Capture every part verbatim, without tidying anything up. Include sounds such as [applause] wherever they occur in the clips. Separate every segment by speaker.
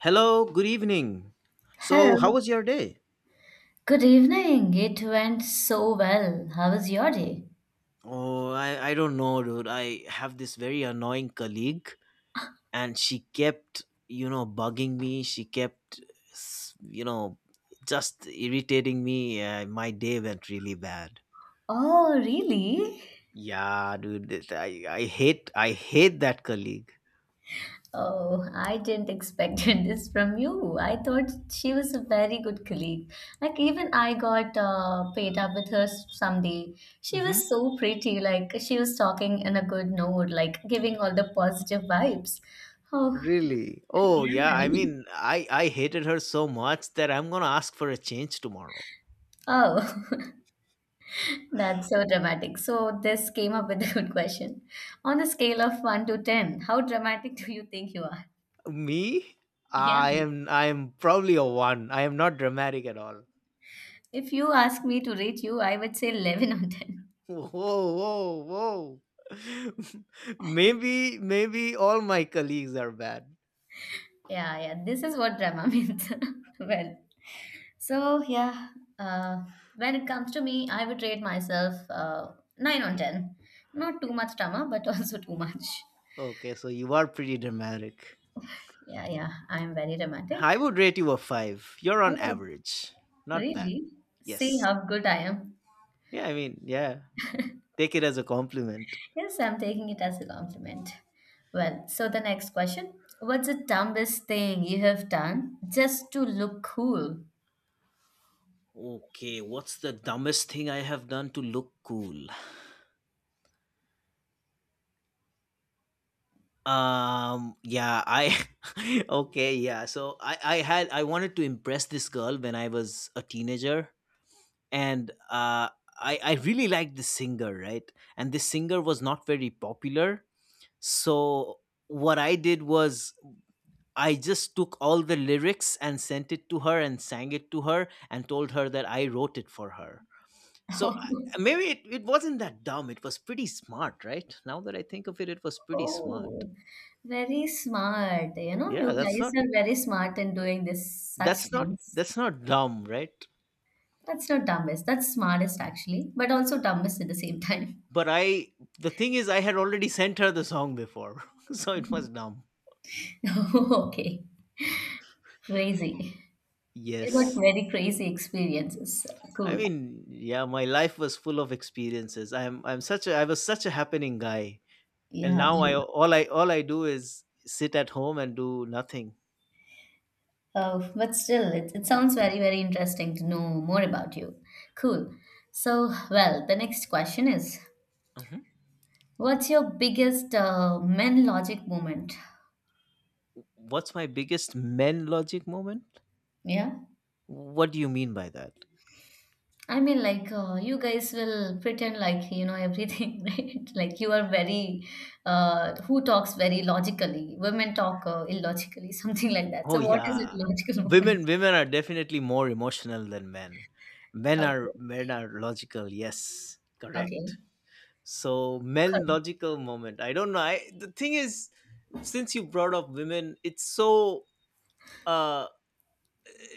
Speaker 1: Hello, good evening. So, how
Speaker 2: Hello.
Speaker 1: was your day?
Speaker 2: Good evening. It went so well. How was your day?
Speaker 1: Oh, I, I don't know, dude. I have this very annoying colleague, and she kept, you know, bugging me. She kept, s- you know, just irritating me. Uh, my day went really bad.
Speaker 2: Oh, really?
Speaker 1: Yeah, dude. this- I, I hate I hate that colleague.
Speaker 2: Oh, I didn't expect [laughs] this from you. I thought she was a very good colleague. Like, even I got uh, paid up with her s- someday. She
Speaker 1: Hmm.
Speaker 2: was so pretty. Like, she was talking in a good mood, like, giving all the positive vibes. Oh,
Speaker 1: Really? Oh, yeah. I
Speaker 2: yeah.
Speaker 1: mean, I I hated her so much that I'm gonna ask for a change tomorrow.
Speaker 2: Oh. [laughs] That's so dramatic. So, this came up with a good question. On the scale of one to ten, how dramatic do you think you are? [laughs]
Speaker 1: Me?
Speaker 2: Yeah.
Speaker 1: I am I am probably a one. I am not dramatic at all.
Speaker 2: If you ask me to rate you, I would say eleven on ten.
Speaker 1: [laughs] Whoa, whoa, whoa. [laughs] maybe maybe all my colleagues are bad.
Speaker 2: Yeah, yeah. This is what drama [laughs] means. Well, so yeah, uh, when it comes to me, I would rate myself uh, nine on ten. Not too much drama, [laughs] but also too much.
Speaker 1: Okay, so you are pretty dramatic.
Speaker 2: Yeah, yeah. I'm very dramatic.
Speaker 1: I would rate you a five. You're on
Speaker 2: Oh,
Speaker 1: average. Not bad.
Speaker 2: really? See
Speaker 1: Yes.
Speaker 2: how good I am.
Speaker 1: Yeah, I mean, yeah. Take it as a compliment.
Speaker 2: Yes, I'm taking it as a compliment. Well, so the next question. What's the dumbest thing you have done just to look cool?
Speaker 1: Okay, what's the dumbest thing I have done to look cool? um yeah I [laughs] okay yeah so i i had I wanted to impress this girl when I was a teenager, and uh i i really liked this singer, right? And this singer was not very popular, so what I did was I just took all the lyrics and sent it to her and sang it to her and told her that I wrote it for her. so I-
Speaker 2: [laughs]
Speaker 1: Maybe it, it wasn't that dumb. It was pretty smart. Right now that I think of it, it was pretty smart.
Speaker 2: Oh, very smart. You know,
Speaker 1: Yeah,
Speaker 2: you
Speaker 1: that's
Speaker 2: guys
Speaker 1: not
Speaker 2: are very smart in doing this such
Speaker 1: that's not
Speaker 2: things.
Speaker 1: that's not dumb, right?
Speaker 2: That's not dumbest. That's smartest actually, but also dumbest at the same time.
Speaker 1: But i the thing is, I had already sent her the song before, [laughs] so it was dumb.
Speaker 2: [laughs] Okay, crazy. You got
Speaker 1: Yes.
Speaker 2: very crazy experiences.
Speaker 1: I
Speaker 2: Cool.
Speaker 1: mean, yeah, my life was full of experiences. i'm i'm such a I was such a happening guy, and
Speaker 2: Yeah.
Speaker 1: now I all I all I do is sit at home and do nothing.
Speaker 2: Oh, but still, it, it sounds very, very interesting to know more about you. Cool. So, well, the next question is
Speaker 1: Mhm.
Speaker 2: what's your biggest uh, men logic moment?
Speaker 1: What's my biggest men logic moment?
Speaker 2: Yeah.
Speaker 1: What do you mean by that?
Speaker 2: I mean, like, uh, you guys will pretend like you know everything, [laughs] right? Like, you are very, uh, who talks very logically? Women talk uh, illogically, [laughs] something like that.
Speaker 1: Oh
Speaker 2: So, what is it,
Speaker 1: yeah,
Speaker 2: logical [laughs]
Speaker 1: women
Speaker 2: moment?
Speaker 1: women are definitely more emotional than men. Men
Speaker 2: Okay.
Speaker 1: are men are logical. Yes,
Speaker 2: Okay.
Speaker 1: correct. So men
Speaker 2: Correct.
Speaker 1: logical moment. I don't know. I The thing is, since you brought up women, it's so uh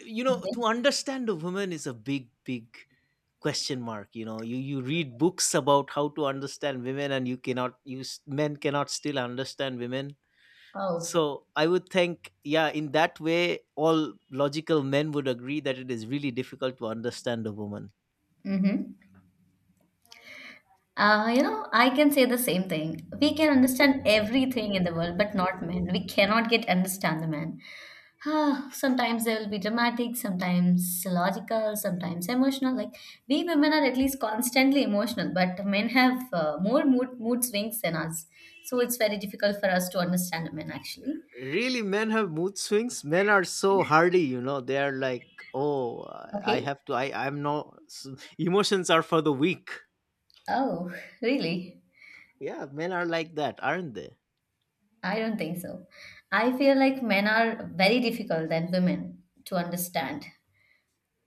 Speaker 1: you know,
Speaker 2: Okay.
Speaker 1: to understand a woman is a big big question mark. You know, you you read books about how to understand women, and you cannot. You s- men cannot still understand women.
Speaker 2: Oh.
Speaker 1: So I would think, yeah, in that way, all logical men would agree that it is really difficult to understand a woman.
Speaker 2: Mm hmm. Uh, you know, I can say the same thing. We can understand everything in the world, but not men. We cannot get understand the man. Ah, sometimes they will be dramatic, sometimes logical, sometimes emotional. Like, we women are at least constantly emotional, but men have uh, more mood mood swings than us. So it's very difficult for us to understand men actually.
Speaker 1: Really, men have mood swings. Men are so hardy, you know. They are like, oh, I
Speaker 2: Okay.
Speaker 1: have to. I I'm no Emotions are for the weak.
Speaker 2: Oh, really?
Speaker 1: Yeah, men are like that, aren't they?
Speaker 2: I don't think so. I feel like men are very difficult than women to understand.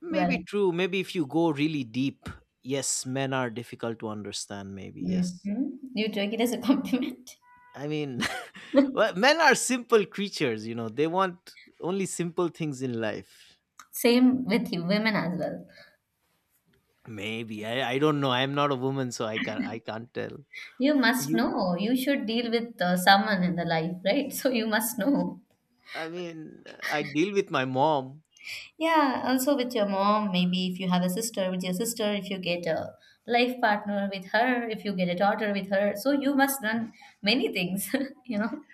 Speaker 1: Maybe
Speaker 2: Well.
Speaker 1: true. Maybe if you go really deep, yes, men are difficult to understand. Maybe yes.
Speaker 2: Mhm. You took it as a compliment.
Speaker 1: I mean, [laughs] well,
Speaker 2: [laughs]
Speaker 1: men are simple creatures, you know. They want only simple things in life.
Speaker 2: Same with you, women as well.
Speaker 1: Maybe I, I don't know. I'm not a woman, so I can't I can't tell.
Speaker 2: You must
Speaker 1: You,
Speaker 2: know. You should deal with uh, someone in the life, right? [laughs] So you must know.
Speaker 1: I mean, I deal with my mom.
Speaker 2: Yeah, also with your mom, maybe if you have a sister, with your sister, if you get a life partner with her, if you get a daughter with her. So you must learn many things, [laughs] you know?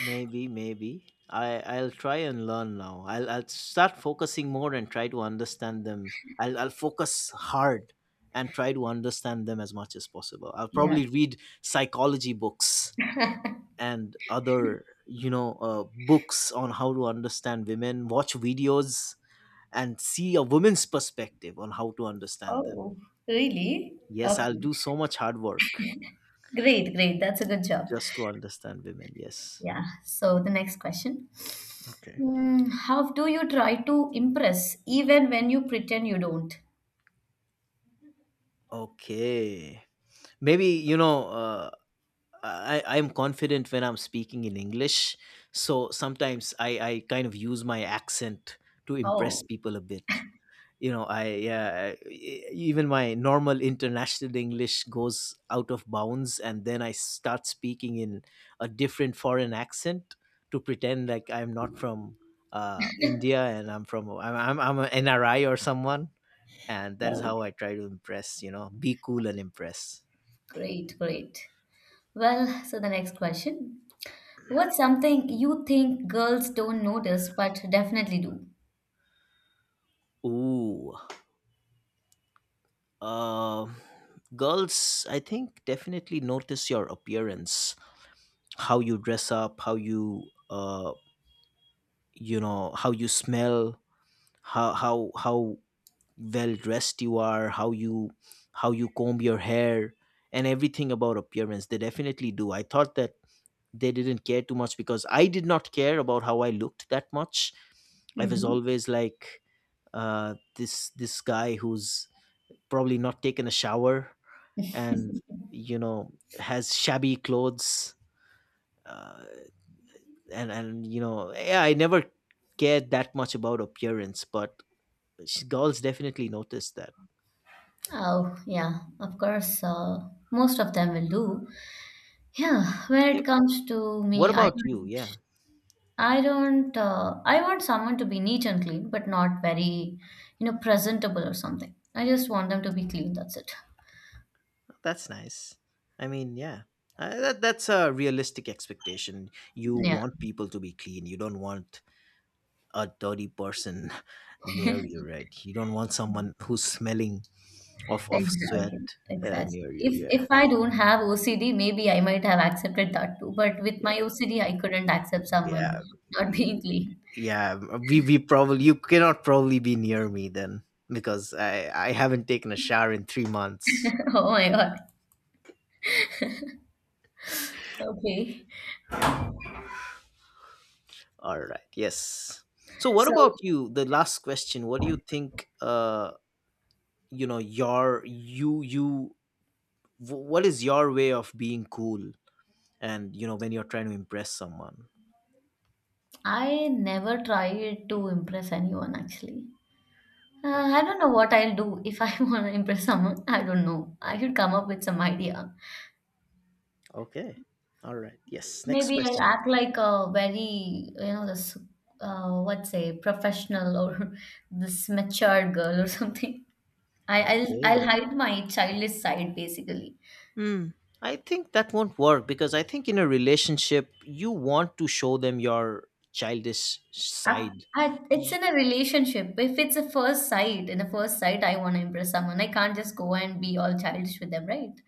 Speaker 1: Maybe, maybe I I'll try and learn now. I'll I'll start focusing more and try to understand them. I'll I'll focus hard and try to understand them as much as possible. I'll
Speaker 2: Yeah.
Speaker 1: probably read psychology books and other, you know, uh, books on how to understand women. Watch videos and see a woman's perspective on how to understand them.
Speaker 2: Oh, really?
Speaker 1: Yes, I'll
Speaker 2: Okay.
Speaker 1: do so much hard work
Speaker 2: Great, great. That's a good job.
Speaker 1: just to understand women. Yes.
Speaker 2: Yeah. So the next question.
Speaker 1: Okay.
Speaker 2: Mm, how do you try to impress even when you pretend you don't?
Speaker 1: Okay. Maybe, you know, uh, I, I'm confident when I'm speaking in English. So sometimes, I, I kind of use my accent to impress
Speaker 2: Oh,
Speaker 1: people a bit. You know, I yeah I- e- even my normal international English goes out of bounds, and then I start speaking in a different foreign accent to pretend like I'm not from uh India, and I'm from I'm I'm, I'm an NRI or someone, and that is
Speaker 2: wow.
Speaker 1: how I try to impress, you know, be cool and impress.
Speaker 2: Great, great. Well, so the next question. What's something you think girls don't notice but definitely do?
Speaker 1: Ooh. um Girls, I think, definitely notice your appearance. How you dress up, how you uh you know, how you smell, how how how well dressed you are, how you how you comb your hair, and everything about appearance they definitely do. I thought that they didn't care too much because I did not care about how I looked that much. I was
Speaker 2: Hmm.
Speaker 1: always like, uh this this guy who's probably not taken a shower and,
Speaker 2: [laughs]
Speaker 1: you know, has shabby clothes, uh, and and you know, yeah, I never cared that much about appearance, but sh- girls definitely noticed that.
Speaker 2: Oh, yeah, of course, uh, most of them will do. Yeah, when
Speaker 1: Eh,
Speaker 2: it comes to
Speaker 1: what
Speaker 2: me, I
Speaker 1: about you?
Speaker 2: don't.
Speaker 1: Yeah,
Speaker 2: I don't, uh, I want someone to be neat and clean, but not very, you know, presentable or something. I just want them to be clean. That's it.
Speaker 1: that's nice. I mean, yeah, uh, that, that's a realistic expectation. You
Speaker 2: Yeah,
Speaker 1: want people to be clean. You don't want a dirty person [laughs] near you, right? You don't want someone who's smelling of of sweat
Speaker 2: exactly.
Speaker 1: uh,
Speaker 2: Exactly.
Speaker 1: near you.
Speaker 2: If
Speaker 1: Yeah,
Speaker 2: if I don't have O C D, maybe I might have accepted that too. But with
Speaker 1: yeah,
Speaker 2: my O C D, I couldn't accept
Speaker 1: yeah,
Speaker 2: someone not
Speaker 1: Y-
Speaker 2: being clean.
Speaker 1: yeah. We we probably, you cannot probably be near me then because I I haven't taken a shower in three months.
Speaker 2: [laughs] Oh my God. Okay.
Speaker 1: All right. Yes. So, what
Speaker 2: So
Speaker 1: about you? The last question. What do you think? Uh, you know your you you wh- what is your way of being cool and, you know, when you're trying to impress someone?
Speaker 2: I never tried to impress anyone actually. Uh, I
Speaker 1: Okay.
Speaker 2: don't know what I'll do if I [laughs] want to impress someone. I don't know. I should come up with some idea.
Speaker 1: okay all right, yes, next
Speaker 2: Maybe I
Speaker 1: question
Speaker 2: act
Speaker 1: please.
Speaker 2: like a very, you know, this, uh, what say, professional or [laughs] this mature girl or something. I, I'll I'll
Speaker 1: Okay.
Speaker 2: hide my childish side basically.
Speaker 1: Hmm, I think that won't work, because I think in a relationship you want to show them your childish
Speaker 2: I,
Speaker 1: side.
Speaker 2: I, it's
Speaker 1: Y-
Speaker 2: in a relationship. If it's a first sight, in a first sight, I want to impress someone. I can't just go and be all childish with them, right?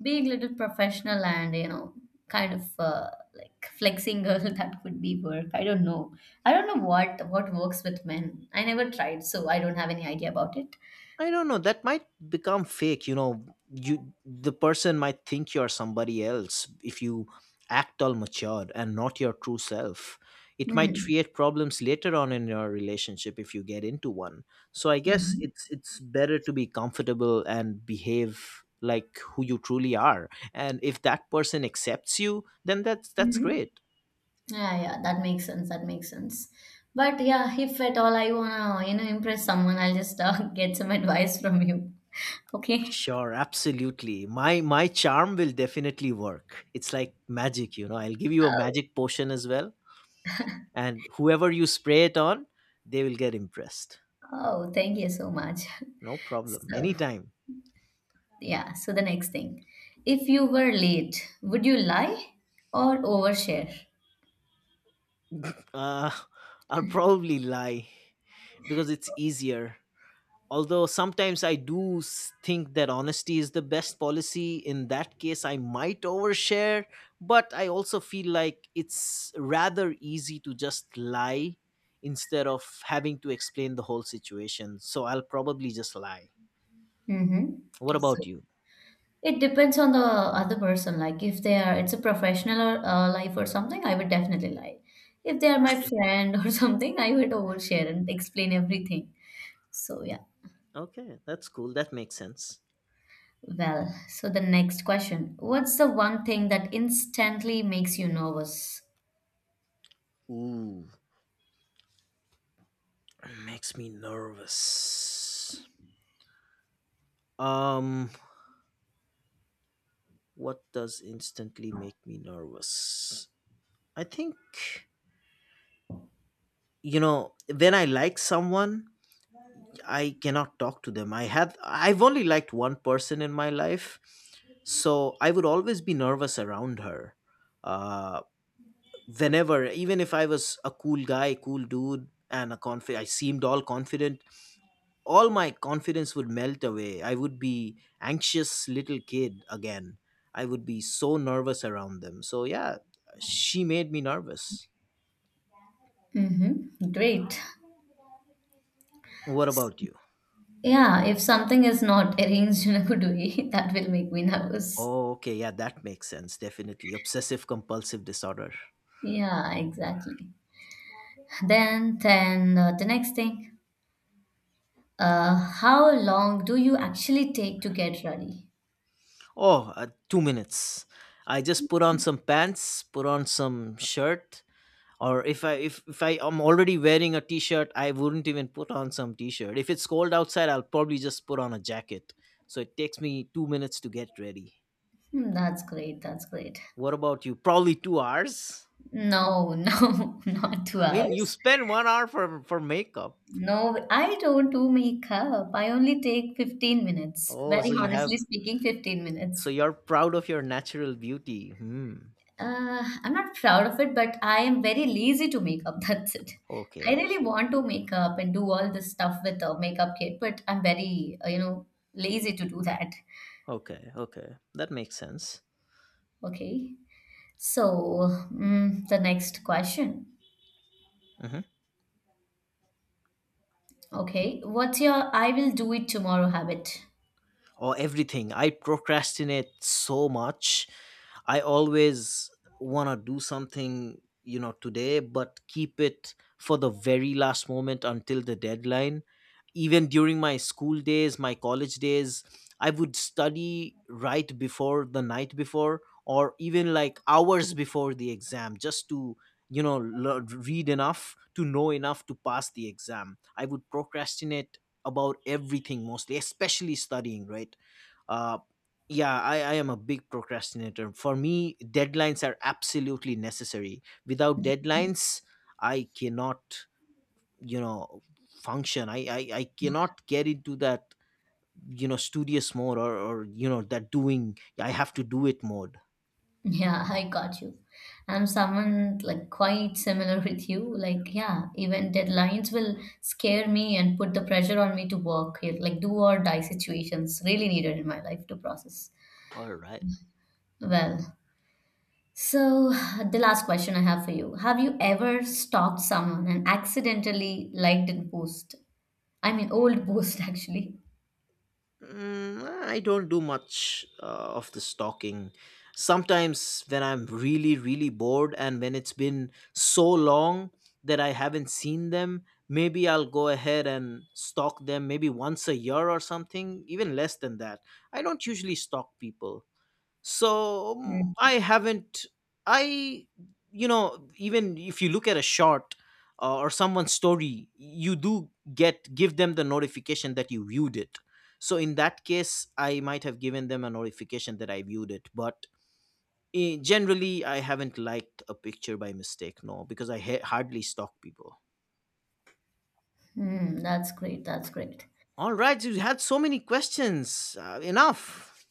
Speaker 2: Being little professional and you know, kind of uh, like flexing girl [laughs] that could be work. I don't know. I don't know what what works with men. I never tried, so I don't have any idea about it.
Speaker 1: I don't know. That might become fake. You know, you the person might think you are somebody else if you act all matured and not your true self. It might
Speaker 2: Mm.
Speaker 1: create problems later on in your relationship if you get into one. So I guess
Speaker 2: Mm-hmm.
Speaker 1: it's it's better to be comfortable and behave like who you truly are. And if that person accepts you, then that's that's
Speaker 2: Mm-hmm.
Speaker 1: great.
Speaker 2: Yeah, yeah, that makes sense. That makes sense. But yeah, if at all I wanna, you know, impress someone, I'll just uh, [laughs] get some advice from you. Okay.
Speaker 1: Sure, absolutely. My my charm will definitely work. It's like magic, you know. I'll give you a
Speaker 2: Oh,
Speaker 1: magic potion as well. And whoever you spray it on, they will get impressed.
Speaker 2: oh, thank you so much.
Speaker 1: No
Speaker 2: [laughs]
Speaker 1: problem,
Speaker 2: So,
Speaker 1: anytime.
Speaker 2: yeah, so the next thing. If you were late, would you lie or overshare?
Speaker 1: uh, [laughs] I'll probably lie because it's easier. Although sometimes I do s- think that honesty is the best policy, in that case I might overshare, but I also feel like it's rather easy to just lie instead of having to explain the whole situation, so I'll probably just lie. What
Speaker 2: Mm-hmm.
Speaker 1: about
Speaker 2: So,
Speaker 1: you?
Speaker 2: it depends on the other person. Like if they are, it's a professional or uh, life or something, I would definitely lie. If they are my friend or [laughs] something, I would overshare and explain everything. So yeah.
Speaker 1: Okay, that's cool, that makes sense.
Speaker 2: Well, so the next question. What's the one thing that instantly makes you nervous?
Speaker 1: Ooh. Makes me nervous. Um, what does instantly make me nervous? I think, you know, when I like someone, I cannot talk to them. I had I've only liked one person in my life, so I would always be nervous around her. Uh, whenever, even if I was a cool guy, cool dude, and a confi, I seemed all confident, all my confidence would melt away. I would be anxious little kid again. I would be so nervous around them. So yeah, she made me nervous.
Speaker 2: Mm-hmm. Great.
Speaker 1: What about you?
Speaker 2: Yeah, if something is not [laughs] arranged in a good way, [laughs] that will make me nervous.
Speaker 1: Oh, okay, yeah, that makes sense. Definitely obsessive compulsive disorder.
Speaker 2: Yeah, exactly. Then, then uh, the next thing. Uh, how long do you actually take to get ready?
Speaker 1: Oh, uh, two minutes. I just put on some pants, put on some shirt, or if i if, if I am already wearing a t-shirt, I wouldn't even put on some t-shirt. If it's cold outside, I'll probably just put on a jacket. So it takes me two minutes to get ready.
Speaker 2: Hmm, that's great. That's great.
Speaker 1: What about you? Probably two hours.
Speaker 2: No, [laughs] no, not two
Speaker 1: I mean, you
Speaker 2: hours.
Speaker 1: spend one hour for for makeup.
Speaker 2: No, I don't do makeup. I only take fifteen minutes.
Speaker 1: Oh, so
Speaker 2: Very
Speaker 1: you have,
Speaker 2: honestly speaking, fifteen
Speaker 1: so
Speaker 2: minutes.
Speaker 1: you're proud of your natural beauty. Hmm.
Speaker 2: Uh, I'm not proud of it, but I am very lazy to make up. [laughs] That's it. I
Speaker 1: okay
Speaker 2: really want to make up and do all this stuff with a makeup kit, but I'm very, uh, you know, lazy to do that.
Speaker 1: okay Okay, that makes sense.
Speaker 2: Okay. So, mm, the next question.
Speaker 1: Mhm.
Speaker 2: Okay, what's your I will do it tomorrow habit?
Speaker 1: Or everything. I procrastinate so much. I always want to do something, you know, today, but keep it for the very last moment until the deadline. Even during my school days, my college days, I would study right before the night before, or even like hours before the exam, just to, you know, lear- read enough to know enough to pass the exam. I would procrastinate about everything, mostly especially studying, right? uh yeah, I, I am a big procrastinator. For me, deadlines are absolutely necessary. Without
Speaker 2: [laughs]
Speaker 1: deadlines, I cannot, you know, function. i i, I cannot get into that, you know, studious mode, or or you know, that doing, I have to do it mode.
Speaker 2: Yeah, I got you. I'm someone like quite similar [laughs] with you. Like, yeah, even deadlines will scare me and put the pressure on me to work here, like do or die situations really needed in my life to process.
Speaker 1: All right.
Speaker 2: Well, so the last question I have for you. Have you ever stalked someone and accidentally liked a post? I mean, old post [laughs] actually.
Speaker 1: Mm, I don't do much uh, of the stalking. Sometimes when I'm really, really bored and when it's been so long that I haven't seen them, maybe I'll go ahead and stalk them, maybe once a year or something, even less than that. I don't usually stalk people, so mm,
Speaker 2: Hmm.
Speaker 1: I haven't I you know, even if you look at a shot, uh, or someone's story, you do get give them the notification that you viewed it. So in that case, I might have given them a notification that I viewed it, but eh, generally I haven't liked a picture by mistake, no, because I ha- hardly stalk people.
Speaker 2: Mm, that's great. That's great.
Speaker 1: All right, you had so many questions, uh, enough.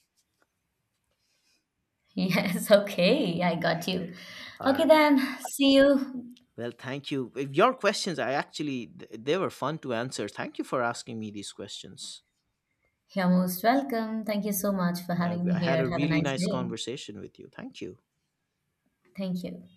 Speaker 2: Yes, okay, I got you.
Speaker 1: All
Speaker 2: Okay,
Speaker 1: right.
Speaker 2: then, see you.
Speaker 1: Well, thank you. If Your questions, I actually, th- they were fun to answer. Thank you for asking me these questions.
Speaker 2: You're most welcome. Thank you so much for
Speaker 1: Uh,
Speaker 2: having me
Speaker 1: I had
Speaker 2: here.
Speaker 1: a
Speaker 2: Have a
Speaker 1: really
Speaker 2: nice
Speaker 1: nice
Speaker 2: day.
Speaker 1: conversation with you. Thank you.
Speaker 2: Thank you.